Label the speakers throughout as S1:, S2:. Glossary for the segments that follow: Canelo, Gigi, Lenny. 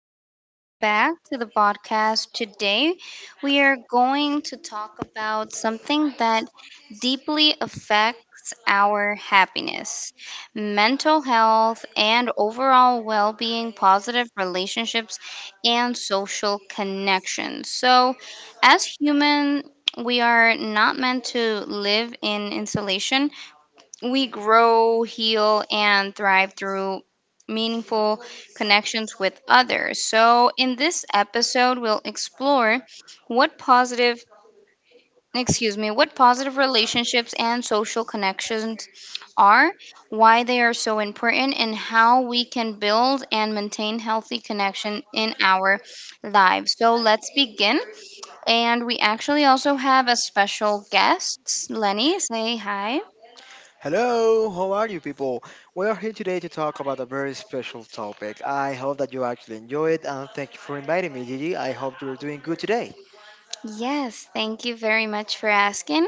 S1: and welcome back to the podcast. Today, we are going to talk about something that deeply affects our happiness, mental health, and overall well being, positive relationships, and social connections. So, as human, we are not meant to live in isolation. We grow, heal, and thrive through meaningful connections with others. So, in this episode, we'll explore what positive, what positive relationships and social connections are, why they are so important, and how we can build and maintain healthy connection in our lives. So, let's begin. And we actually also have a special guest, Lenny. Say hi.
S2: Hello, how are you people? We are here today to talk about a very special topic. I hope that you actually enjoy it, and thank you for inviting me, Gigi. I hope you're doing good today.
S1: Yes, thank you very much for asking.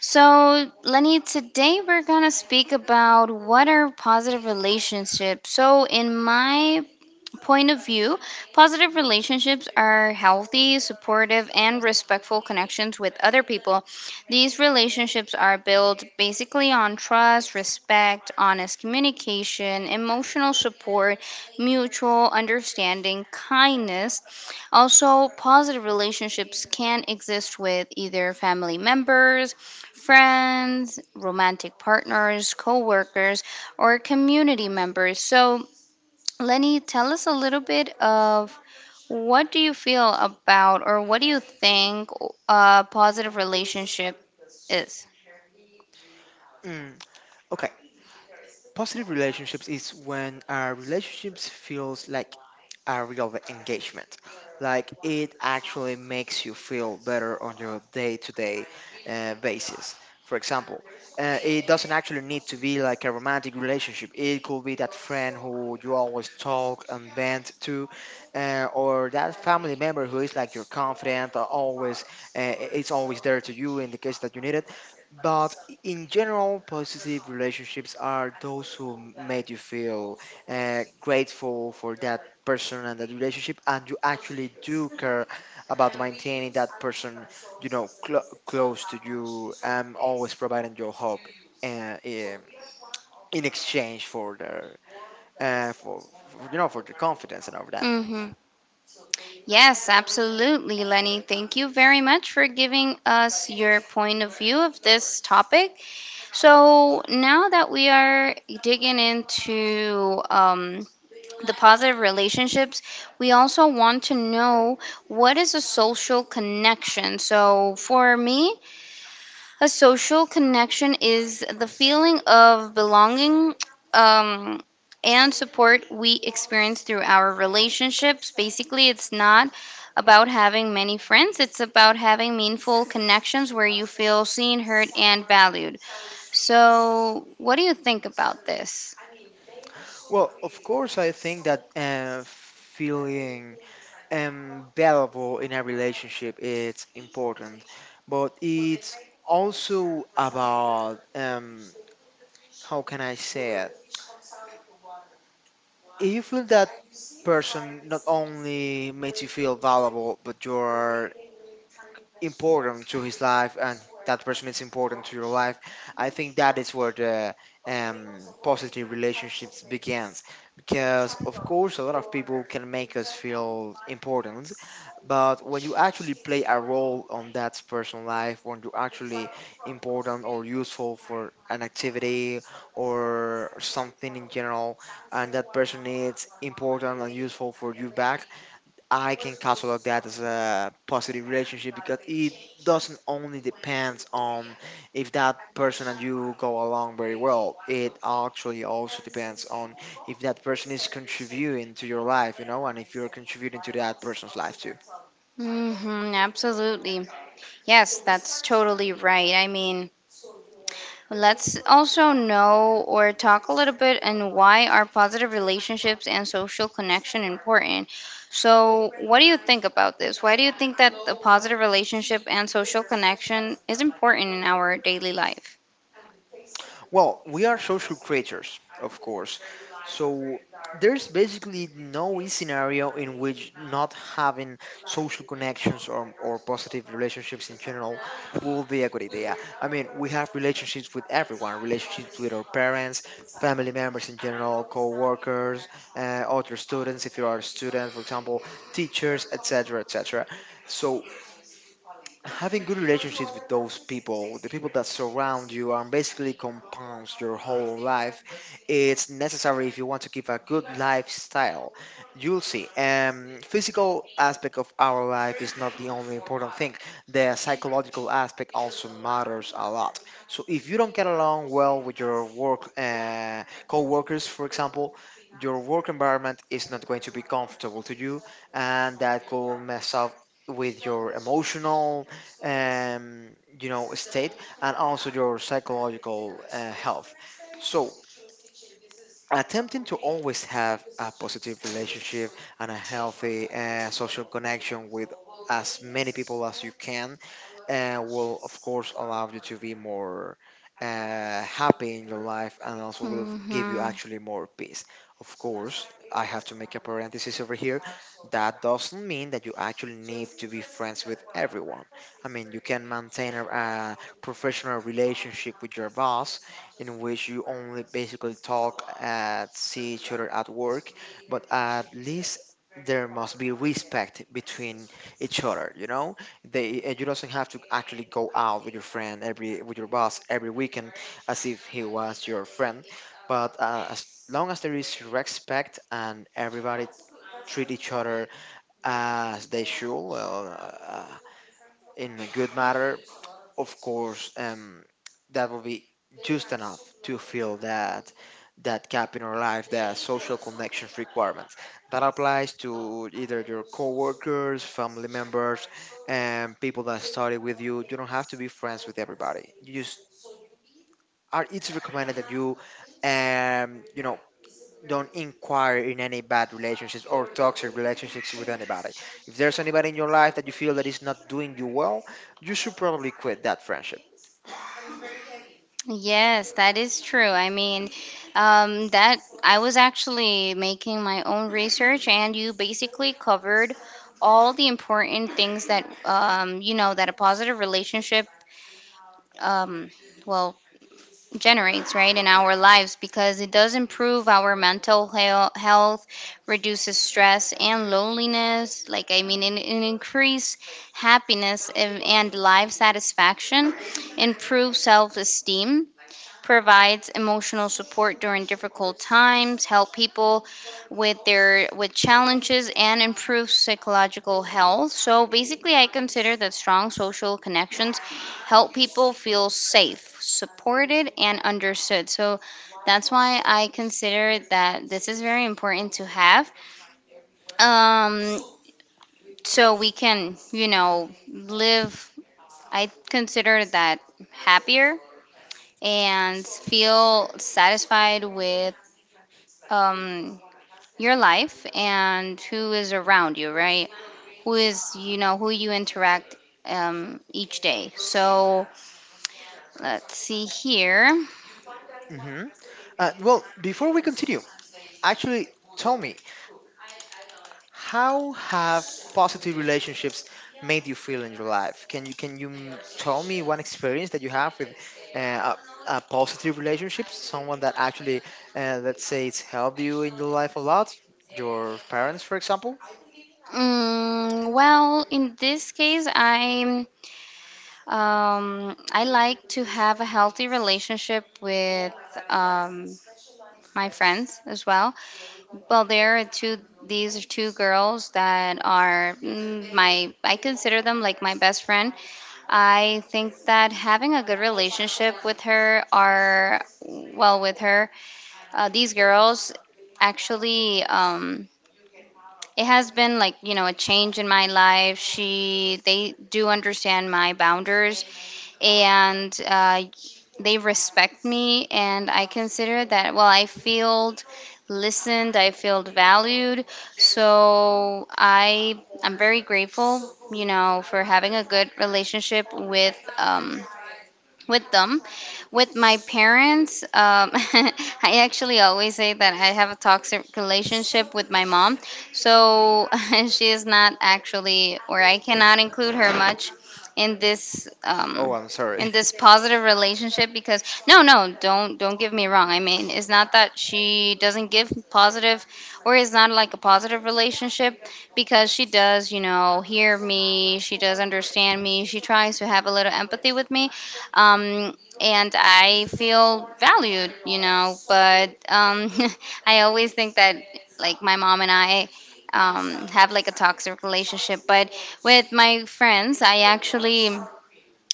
S1: So, Lenny, today we're going to speak about what are positive relationships. So, in my point of view, positive relationships are healthy, supportive, and respectful connections with other people. These relationships are built basically on trust, respect, honest communication, emotional support, mutual understanding, kindness. Also, positive relationships can exist with either family members, friends, romantic partners, co workers, or community members. So, Lenny, tell us a little bit of what do you feel about, or what do you think a positive relationship is?
S2: Mm, okay, positive relationships is when our relationships feels like a real engagement. Like it actually makes you feel better on your day to day basis. For example, it doesn't actually need to be like a romantic relationship. It could be that friend who you always talk and bend to, or that family member who is like your confidant, always it's always there to you in the case that you need it. But in general, positive relationships are those who made you feel grateful for that person and that relationship, and you actually do care about maintaining that person, you know, close to you, and always providing your hope uh, in in exchange for their for you know, for their confidence and all that.
S1: Mm-hmm. Yes, absolutely, Lenny. Thank you very much for giving us your point of view of this topic. So, now that we are digging into the positive relationships, we also want to know what is a social connection. So, for me, a social connection is the feeling of belonging um, and support we experience through our relationships. Basically, it's not about having many friends, it's about having meaningful connections where you feel seen, heard, and valued. So, what do you think about this?
S2: Well, of course I think that feeling valuable in a relationship it's important, but it's also about, how can I say it, if you feel that person not only makes you feel valuable, but you're important to his life, and that person is important to your life. I think that is where the positive relationships begins, because of course a lot of people can make us feel important, but when you actually play a role on that person's life, when you're actually important or useful for an activity or something in general, and that person is important and useful for you back, I can catalog that as a positive relationship because it doesn't only depends on if that person and you go along very well. It actually also depends on if that person is contributing to your life, you know, and if you're contributing to that person's life too.
S1: Hmm, absolutely. Yes, that's totally right. I mean, let's also know or talk a little bit and why are positive relationships and social connection important. So, what do you think about this? Why do you think that the positive relationship and social connection is important in our daily life?
S2: Well, we are social creatures, of course. So there's basically no scenario in which not having social connections or positive relationships in general will be a good idea. I mean, we have relationships with everyone, relationships with our parents, family members in general, co-workers, uh, other students, if you are a student, for example, teachers, etc., etc. So having good relationships with those people, the people that surround you, and basically compounds your whole life. It's necessary if you want to keep a good lifestyle. You'll see. Physical aspect of our life is not the only important thing. The psychological aspect also matters a lot. So if you don't get along well with your work co-workers, for example. Your work environment is not going to be comfortable to you, and that could mess up with your emotional, you know, state, and also your psychological health, so attempting to always have a positive relationship and a healthy social connection with as many people as you can and will of course allow you to be more happy in your life and also will give you
S1: Hmm.
S2: actually more peace. Of course, I have to make a parenthesis over here. That doesn't mean that you actually need to be friends with everyone. I mean, you can maintain a professional relationship with your boss in which you only basically talk at see each other at work, but at least there must be respect between each other, you know? They and you doesn't have to actually go out with your friend every with your boss every weekend as if he was your friend, but as long as there is respect and everybody treat each other as they should, well, in a good manner, of course, that will be just enough to fill that gap in our life, that social connections requirements. That applies to either your coworkers, family members, and people that study with you. You don't have to be friends with everybody. You just are. It's recommended that you, you know. Don't inquire in any bad relationships or toxic relationships with anybody. If there's anybody in your life that you feel that is not doing you well, you should probably quit that friendship.
S1: Yes, that is true. I mean, that I was actually making my own research, and you basically covered all the important things that, you know, that a positive relationship, um, well generates, right, in our lives, because it does improve our health, reduces stress and loneliness. Like, I mean, it increase happiness and life satisfaction, improve self esteem, provides emotional support during difficult times, help people with challenges and improve psychological health. So basically I consider that strong social connections help people feel safe, supported and understood. So that's why I consider that this is very important to have. Um so we can, you know, live, I consider that, happier and feel satisfied with, um, your life and who is around you, right? Who is, you know, who you interact each day. So let's see here.
S2: Mm-hmm. Well, before we continue, actually, tell me, how have positive relationships made you feel in your life? Tell me one experience that you have with uh, a positive relationship, someone that actually, let's say, it's helped you in your life a lot? Your parents, for example?
S1: Mm, well, in this case, I'm, I like to have a healthy relationship with, um, my friends as well. Well, there are two. These are two girls that are mm, my. I consider them like my best friend. I think that having a good relationship with her are well with her these girls actually it has been, like, you know, a change in my life. She they do understand my boundaries, and they respect me, and I consider that, well, I feel listened, I feel valued. So I'm very grateful, you know, for having a good relationship with, with them. With my parents, I actually always say that I have a toxic relationship with my mom. So she is not actually, or I cannot include her much in this,
S2: Oh, I'm sorry.
S1: in this positive relationship, because no, no, don't, don't give me wrong, I mean, it's not that she doesn't give positive, or it's not like a positive relationship, because she does, you know, hear me, she does understand me, she tries to have a little empathy with me, um, and I feel valued, you know. But I always think that, like, my mom and I have like a toxic relationship. But with my friends, I actually,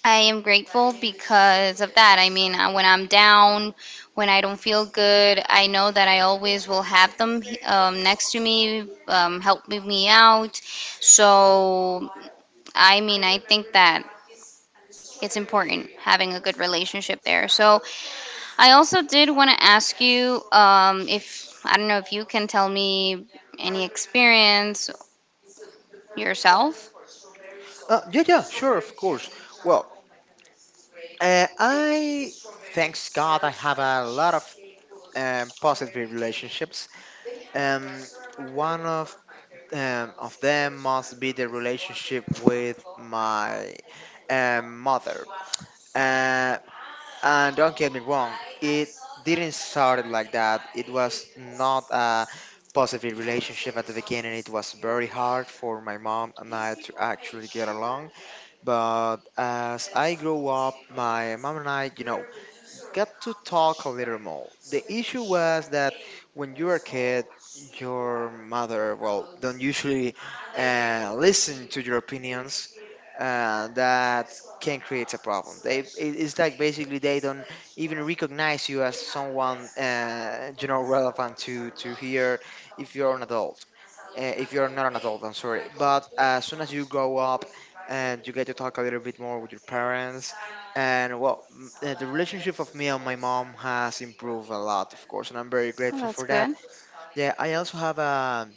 S1: I am grateful because of that. I mean, when I'm down, when I don't feel good, I know that I always will have them, next to me, helping me out. So, I mean, I think that it's important having a good relationship there. So I also did want to ask you, if, I don't know, if you can tell me any experience yourself.
S2: Yeah, sure, of course. Well, I thanks God I have a lot of positive relationships. Um, One of them must be the relationship with my mother. Uh, and don't get me wrong, it didn't start like that. It was not a positive relationship at the beginning. It was very hard for my mom and I to actually get along. But as I grew up, my mom and I, you know, got to talk a little more. The issue was that when you were a kid, your mother, well, don't usually listen to your opinions. That can create a problem. It's like basically they don't even recognize you as someone, you know, relevant to hear if you're an adult, if you're not an adult, I'm sorry. But as soon as you grow up and you get to talk a little bit more with your parents, and well, the relationship of me and my mom has improved a lot, of course, and I'm very
S1: Oh,
S2: grateful
S1: that's
S2: for that.
S1: good.
S2: Yeah, I also have a,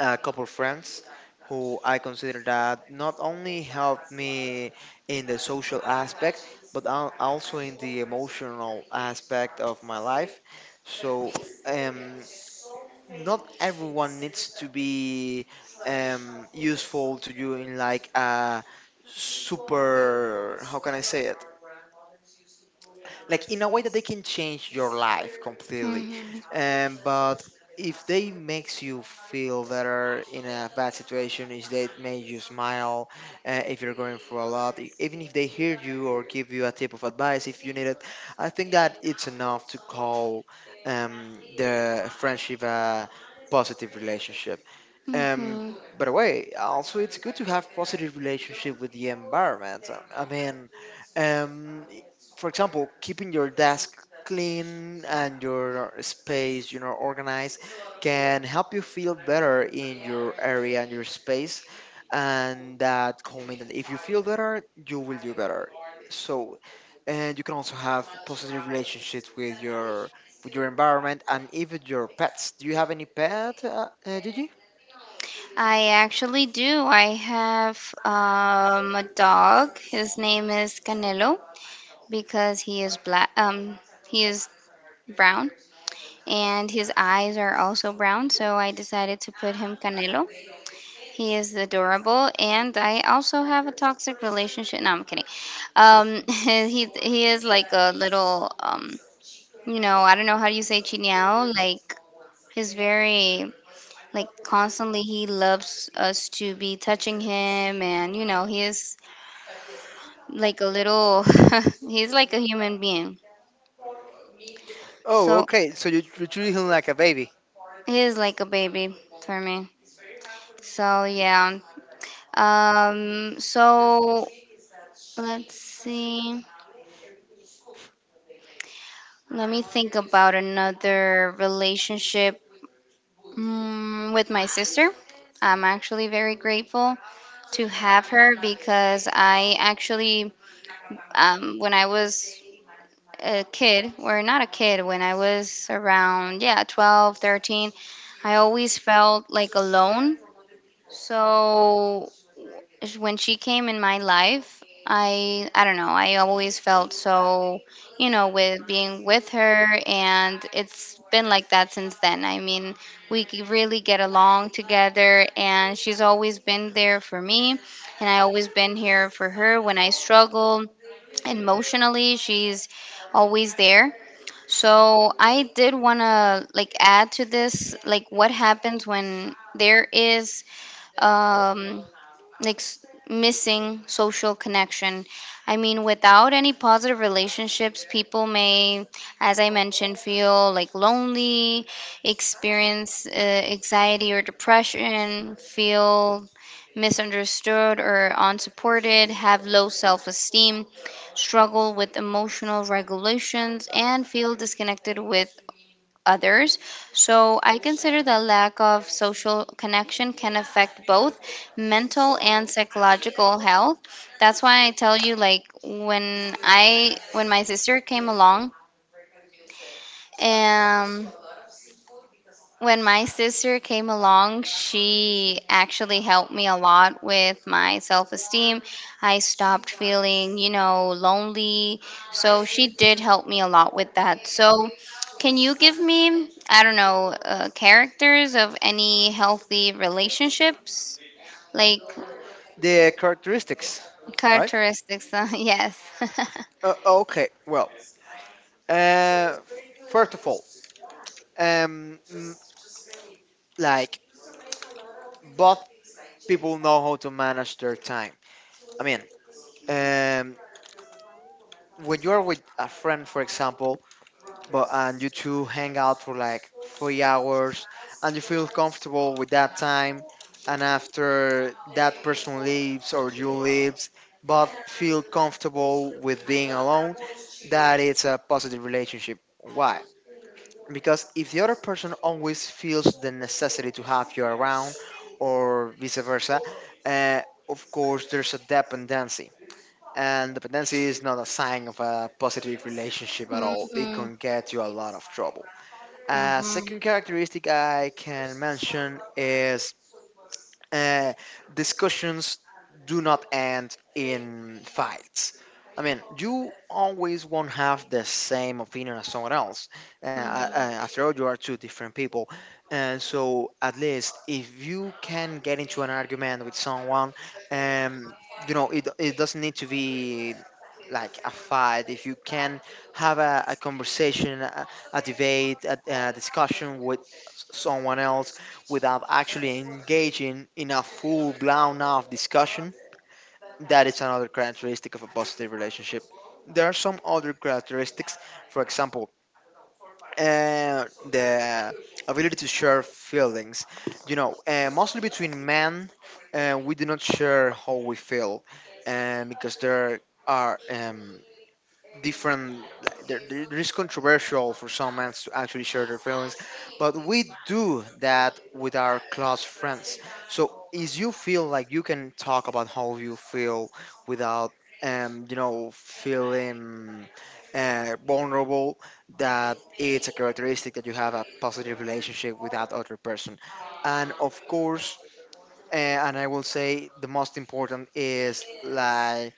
S2: a couple friends who I consider that not only helped me in the social aspect, but also in the emotional aspect of my life. So, um not everyone needs to be useful to you in like a super, how can I say it, like in a way that they can change your life completely,
S1: Hmm.
S2: but if they makes you feel better in a bad situation, if they make you smile, if you're going through a lot, even if they hear you or give you a tip of advice if you need it, I think that it's enough to call the friendship a positive relationship. um,
S1: Hmm.
S2: by the way, also it's good to have positive relationship with the environment. I mean, um, i- for example, keeping your desk clean and your space, you know, organized can help you feel better in your area and your space. And that comment, and if you feel better, you will do better. So, and you can also have positive relationships with your environment and even your pets. Do you have any pet, Gigi?
S1: I actually do. I have, a dog. His name is Canelo. Because he is black. He is brown. And his eyes are also brown, so I decided to put him Canelo. He is adorable, and I also have a toxic relationship. No, I'm kidding. He is like a little, you know, I don't know how do you say chinyao. Like, he's very, like, constantly he loves us to be touching him, and you know he is like a little, he's like a human being.
S2: Oh,
S1: So
S2: okay. So you treat him like a baby.
S1: he is like a baby for me. So yeah. So let's see. Let me think about another relationship. Mm, with my sister. I'm actually very grateful to have her, because I actually, when I was a kid, or not a kid, when I was around, yeah, 12, 13, I always felt like alone. So when she came in my life, I don't know, I always felt so, you know, with being with her, and it's been like that since then. I mean, really get along together, and she's always been there for me and I always been here for her. When I struggle emotionally, she's always there. So I did want to like add to this, like, what happens when there is um missing social connection. I mean, without any positive relationships, people may, as I mentioned, feel like lonely, experience anxiety or depression, feel misunderstood or unsupported, have low self esteem, struggle with emotional regulations, and feel disconnected with others. So I consider the lack of social connection can affect both mental and psychological health. That's why I tell you, like, when my sister came along, um she actually helped me a lot with my self esteem. I stopped feeling, you know, lonely. So she did help me a lot with that. So, can you give me, I don't know, characters of any healthy relationships? Like,
S2: The characteristics, right?
S1: characteristics? Yes.
S2: Okay. Well, uh, first of all, um, mm, like both people know how to manage their time. I mean, um, when you're with a friend, for example, but and you two hang out for like 3 hours and you feel comfortable with that time, and after that person leaves or you leaves, both feel comfortable with being alone. That it's a positive relationship. Why? Because if the other person always feels the necessity to have you around or vice versa, uh, of course there's a dependency, and dependency is not a sign of a positive relationship at
S1: Hmm.
S2: all. It
S1: Hmm.
S2: can get you a lot of trouble. A second characteristic I can mention is uh, discussions do not end in fights. I mean, you always won't have the same opinion as someone else. After all, you are two different people. And so, at least if you can get into an argument with someone, um, you know, it doesn't need to be like a fight. If you can have a conversation, a debate, a discussion with someone else without actually engaging in a full blown off discussion, that is another characteristic of a positive relationship. There are some other characteristics, for example, the ability to share feelings. You know, mostly between men, we do not share how we feel, because there are. Different, there is controversial for some men to actually share their feelings, but we do that with our close friends. So is you feel like you can talk about how you feel without, you know, feeling vulnerable, that it's a characteristic that you have a positive relationship with that other person. And of course, uh, and I will say the most important is like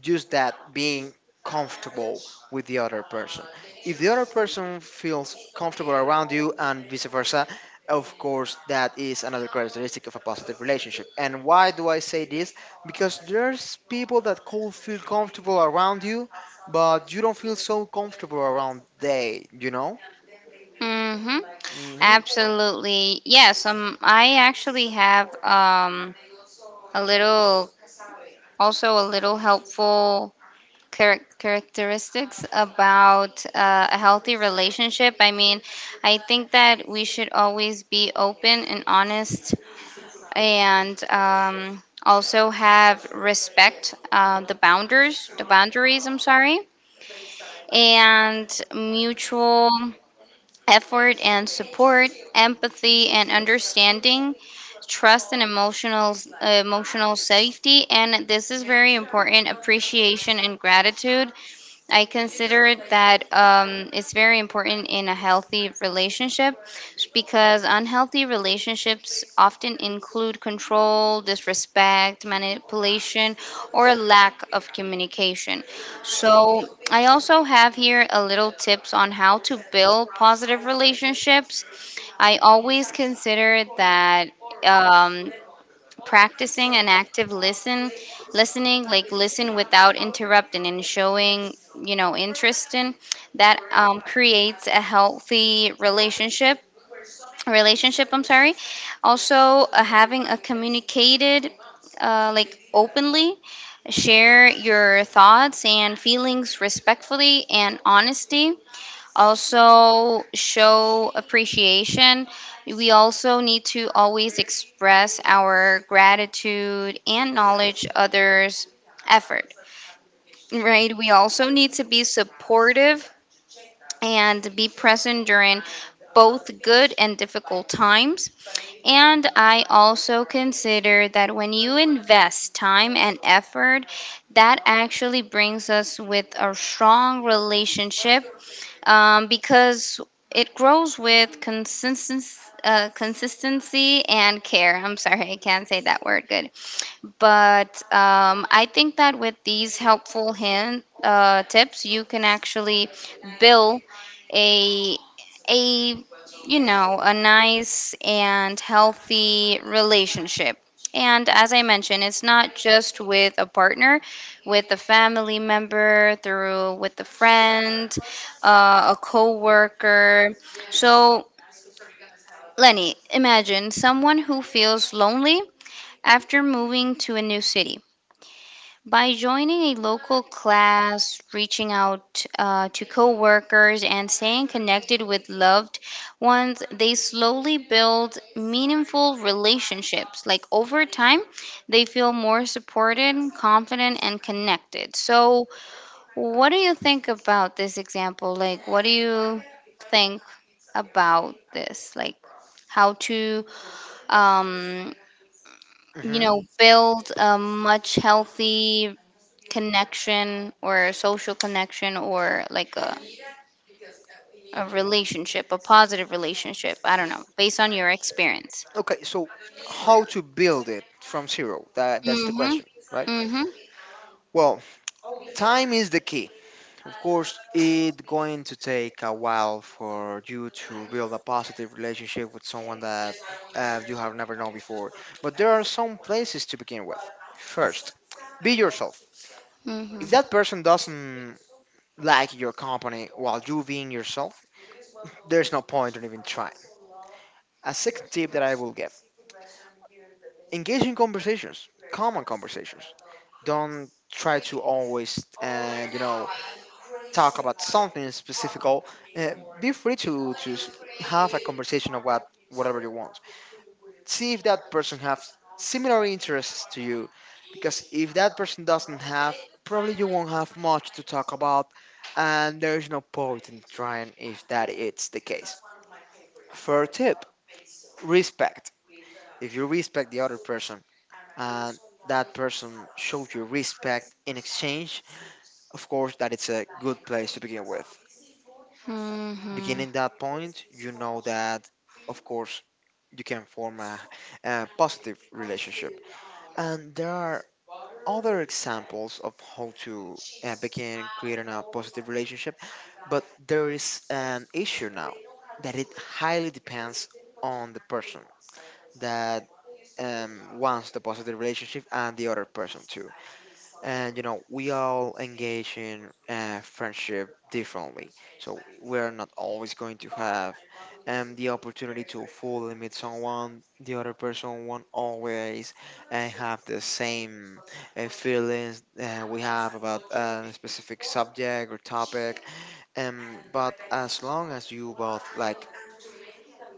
S2: just that being comfortable with the other person. If the other person feels comfortable around you and vice versa, of course, that is another characteristic of a positive relationship. And why do I say this? Because there's people that could feel comfortable around you, but you don't feel so comfortable around they, you know?
S1: Hmm.
S2: Hmm
S1: Absolutely. Yes, I actually have, a little a little helpful characteristics about a healthy relationship. I mean, I think that we should always be open and honest, and also have respect, the boundaries, I'm sorry, and mutual effort and support, empathy and understanding, trust and emotional safety, and this is very important, appreciation and gratitude. I consider it that, it's very important in a healthy relationship, because unhealthy relationships often include control, disrespect, manipulation, or lack of communication. So, I also have here a little tips on how to build positive relationships. I always consider that. Um, practicing an active listen listening, like, listen without interrupting and showing, you know, interest in that, creates a healthy relationship, I'm sorry. Also having a communicated, like, openly share your thoughts and feelings respectfully and honesty. Also show appreciation. We also need to always express our gratitude and knowledge others' effort, right? We also need to be supportive and be present during both good and difficult times. And I also consider that when you invest time and effort, that actually brings us with a strong relationship, because it grows with consistency, consistency and care. I'm sorry, I can't say that word good. But I think that with these tips, you can actually build a a you know, a nice and healthy relationship. And as I mentioned, it's not just with a partner, with a family member, through with a friend, a coworker. So, Lenny, imagine someone who feels lonely after moving to a new city. By joining a local class, reaching out to coworkers, and staying connected with loved ones, they slowly build meaningful relationships. Like, over time, they feel more supported, confident, and connected. So, what do you think about this example? Like, what do you think about this? Like, how to, um, you
S2: hmm.
S1: know, build a much healthy connection, or a social connection, or like a relationship, a positive relationship. I don't know, based on your experience.
S2: Okay, so how to build it from zero? That's the
S1: Mm-hmm.
S2: question, right?
S1: Mm-hmm.
S2: Well, time is the key. Of course, it's going to take a while for you to build a positive relationship with someone that you have never known before. But there are some places to begin with. First, be yourself.
S1: Mm-hmm.
S2: If that person doesn't like your company while you being yourself, there's no point in even trying. A second tip that I will give, engage in conversations, common conversations. Don't try to always, talk about something specific, be free to have a conversation about whatever you want. See if that person has similar interests to you, because if that person doesn't have, probably you won't have much to talk about, and there is no point in trying if that is the case. Third tip: respect. If you respect the other person and that person shows you respect in exchange, of course, that it's a good place to begin with.
S1: Mm-hmm.
S2: Beginning that point, you know that, of course, you can form a positive relationship. And there are other examples of how to begin creating a positive relationship, but there is an issue now that it highly depends on the person that wants the positive relationship and the other person too. And you know we all engage in friendship differently, so we're not always going to have the opportunity to fully meet someone. The other person won't always have the same feelings we have about a specific subject or topic. But as long as you both like,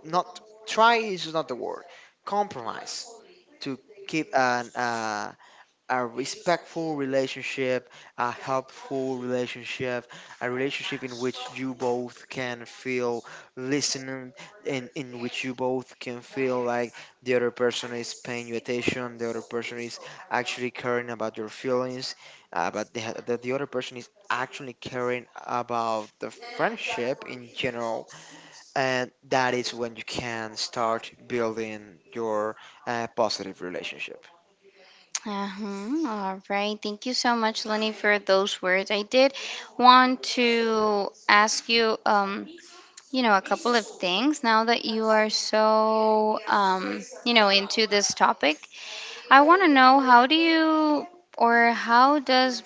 S2: not, try is not the word, compromise to keep an a respectful relationship, a helpful relationship, a relationship in which you both can feel listened and in which you both can feel like the other person is paying you attention, the other person is actually caring about your feelings, but the other person is actually caring about the friendship in general. And that is when you can start building your positive relationship.
S1: Uh-huh. All right. Thank you so much, Lenny, for those words. I did want to ask you, you know, a couple of things now that you are so, you know, into this topic. I want to know how do you, or how does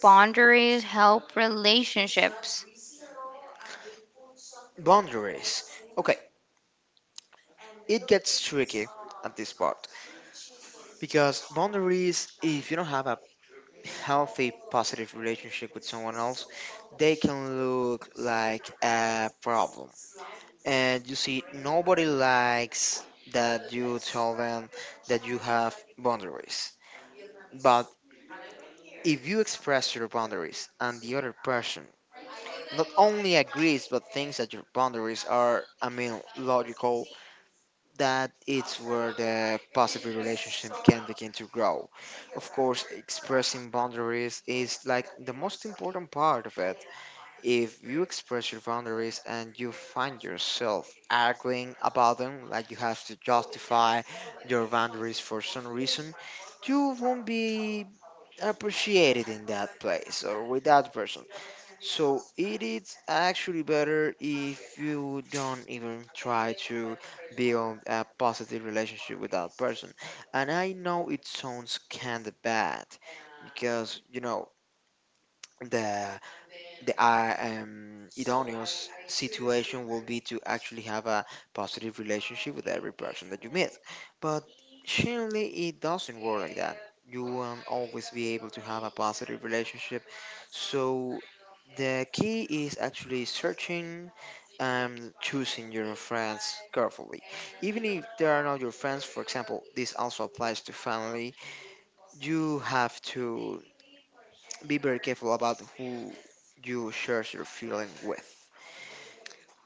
S1: boundaries help relationships?
S2: Boundaries. Okay, it gets tricky at this part because boundaries, if you don't have a healthy, positive relationship with someone else, they can look like a problem. And you see, nobody likes that you tell them that you have boundaries. But if you express your boundaries and the other person not only agrees but thinks that your boundaries are, I mean, logical, that it's where the positive relationship can begin to grow. Of course, expressing boundaries is like the most important part of it. If you express your boundaries and you find yourself arguing about them, like you have to justify your boundaries for some reason, you won't be appreciated in that place or with that person. So it is actually better if you don't even try to build a positive relationship with that person. And I know it sounds kind of bad because you know the the idoneous situation will be to actually have a positive relationship with every person that you meet. But surely it doesn't work like that. You won't always be able to have a positive relationship. So the key is actually searching and choosing your friends carefully. Even if they are not your friends, for example, this also applies to family, you have to be very careful about who you share your feeling with.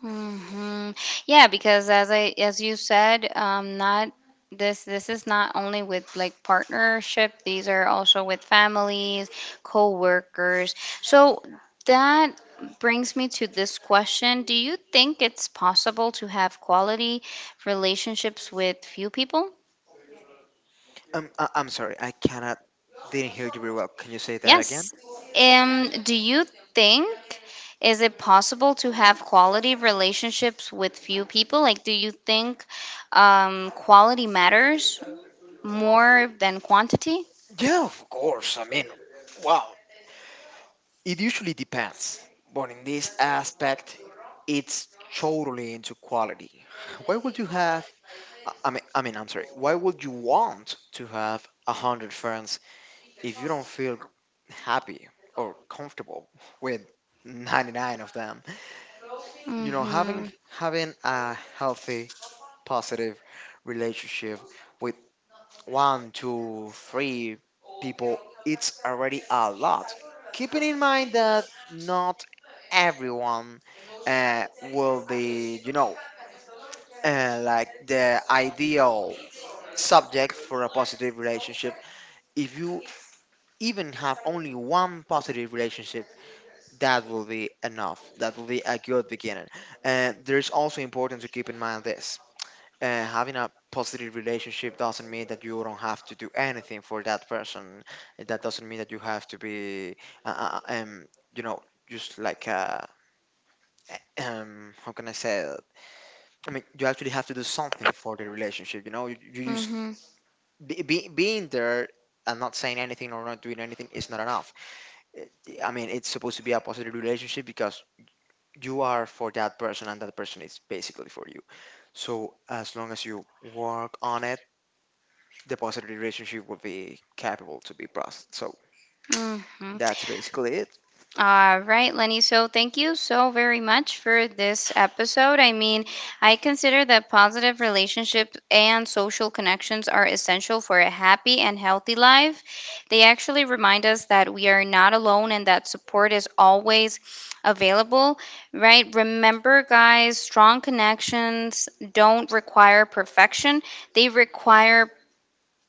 S1: Hmm. Yeah, because as I, as you said, not this is not only with like partnership. These are also with families, co-workers. So that brings me to this question: do you think it's possible to have quality relationships with few people?
S2: I'm sorry, I cannot, didn't hear you very well. Can you say that again?
S1: Yes. Do you think, is it possible to have quality relationships with few people? Like, do you think, quality matters more than quantity?
S2: Yeah, of course. I mean, wow. It usually depends, but in this aspect, it's totally into quality. Why would you have? I'm sorry. Why would you want to have a hundred friends if you don't feel happy or comfortable with 99 of them? You know, having
S1: Mm-hmm.
S2: having a healthy positive relationship with one, two, three people, it's already a lot. Keeping in mind that not everyone will be, you know, like the ideal subject for a positive relationship. If you even have only one positive relationship, that will be enough. That will be a good beginning. And there's also important to keep in mind this. Having a positive relationship doesn't mean that you don't have to do anything for that person. That doesn't mean that you have to be, uh, uh, uh, um, you know, just like, how can I say it? I mean, you actually have to do something for the relationship. You know, you just being there and not saying anything or not doing anything is not enough. It- I mean, it's supposed to be a positive relationship because you are for that person and that person is basically for you. So as long as you work on it, the positive relationship would be capable to be processed. So
S1: Mm-hmm.
S2: that's basically it.
S1: All right, Lenny. So thank you so very much for this episode. I mean, I consider that positive relationships and social connections are essential for a happy and healthy life. They actually remind us that we are not alone and that support is always available, right? Remember, guys, strong connections don't require perfection, they require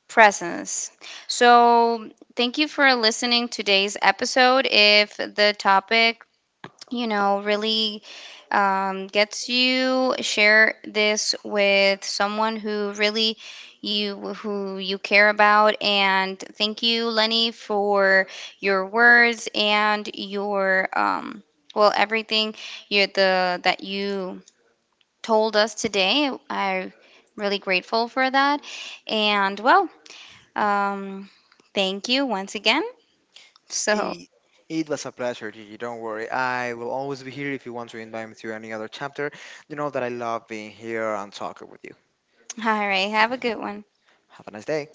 S1: presence. So, thank you for listening today's episode. If the topic, you know, really gets you, share this with someone who really you who you care about. And thank you, Lenny, for your words and your, everything you the that you told us today. I am really grateful for that. And well, um, thank you once again. So,
S2: it. It was a pleasure, Gigi. Don't worry. I will always be here if you want to invite me to any other chapter. You know that I love being here and talking with you.
S1: all right, have a good one.
S2: Have a nice day.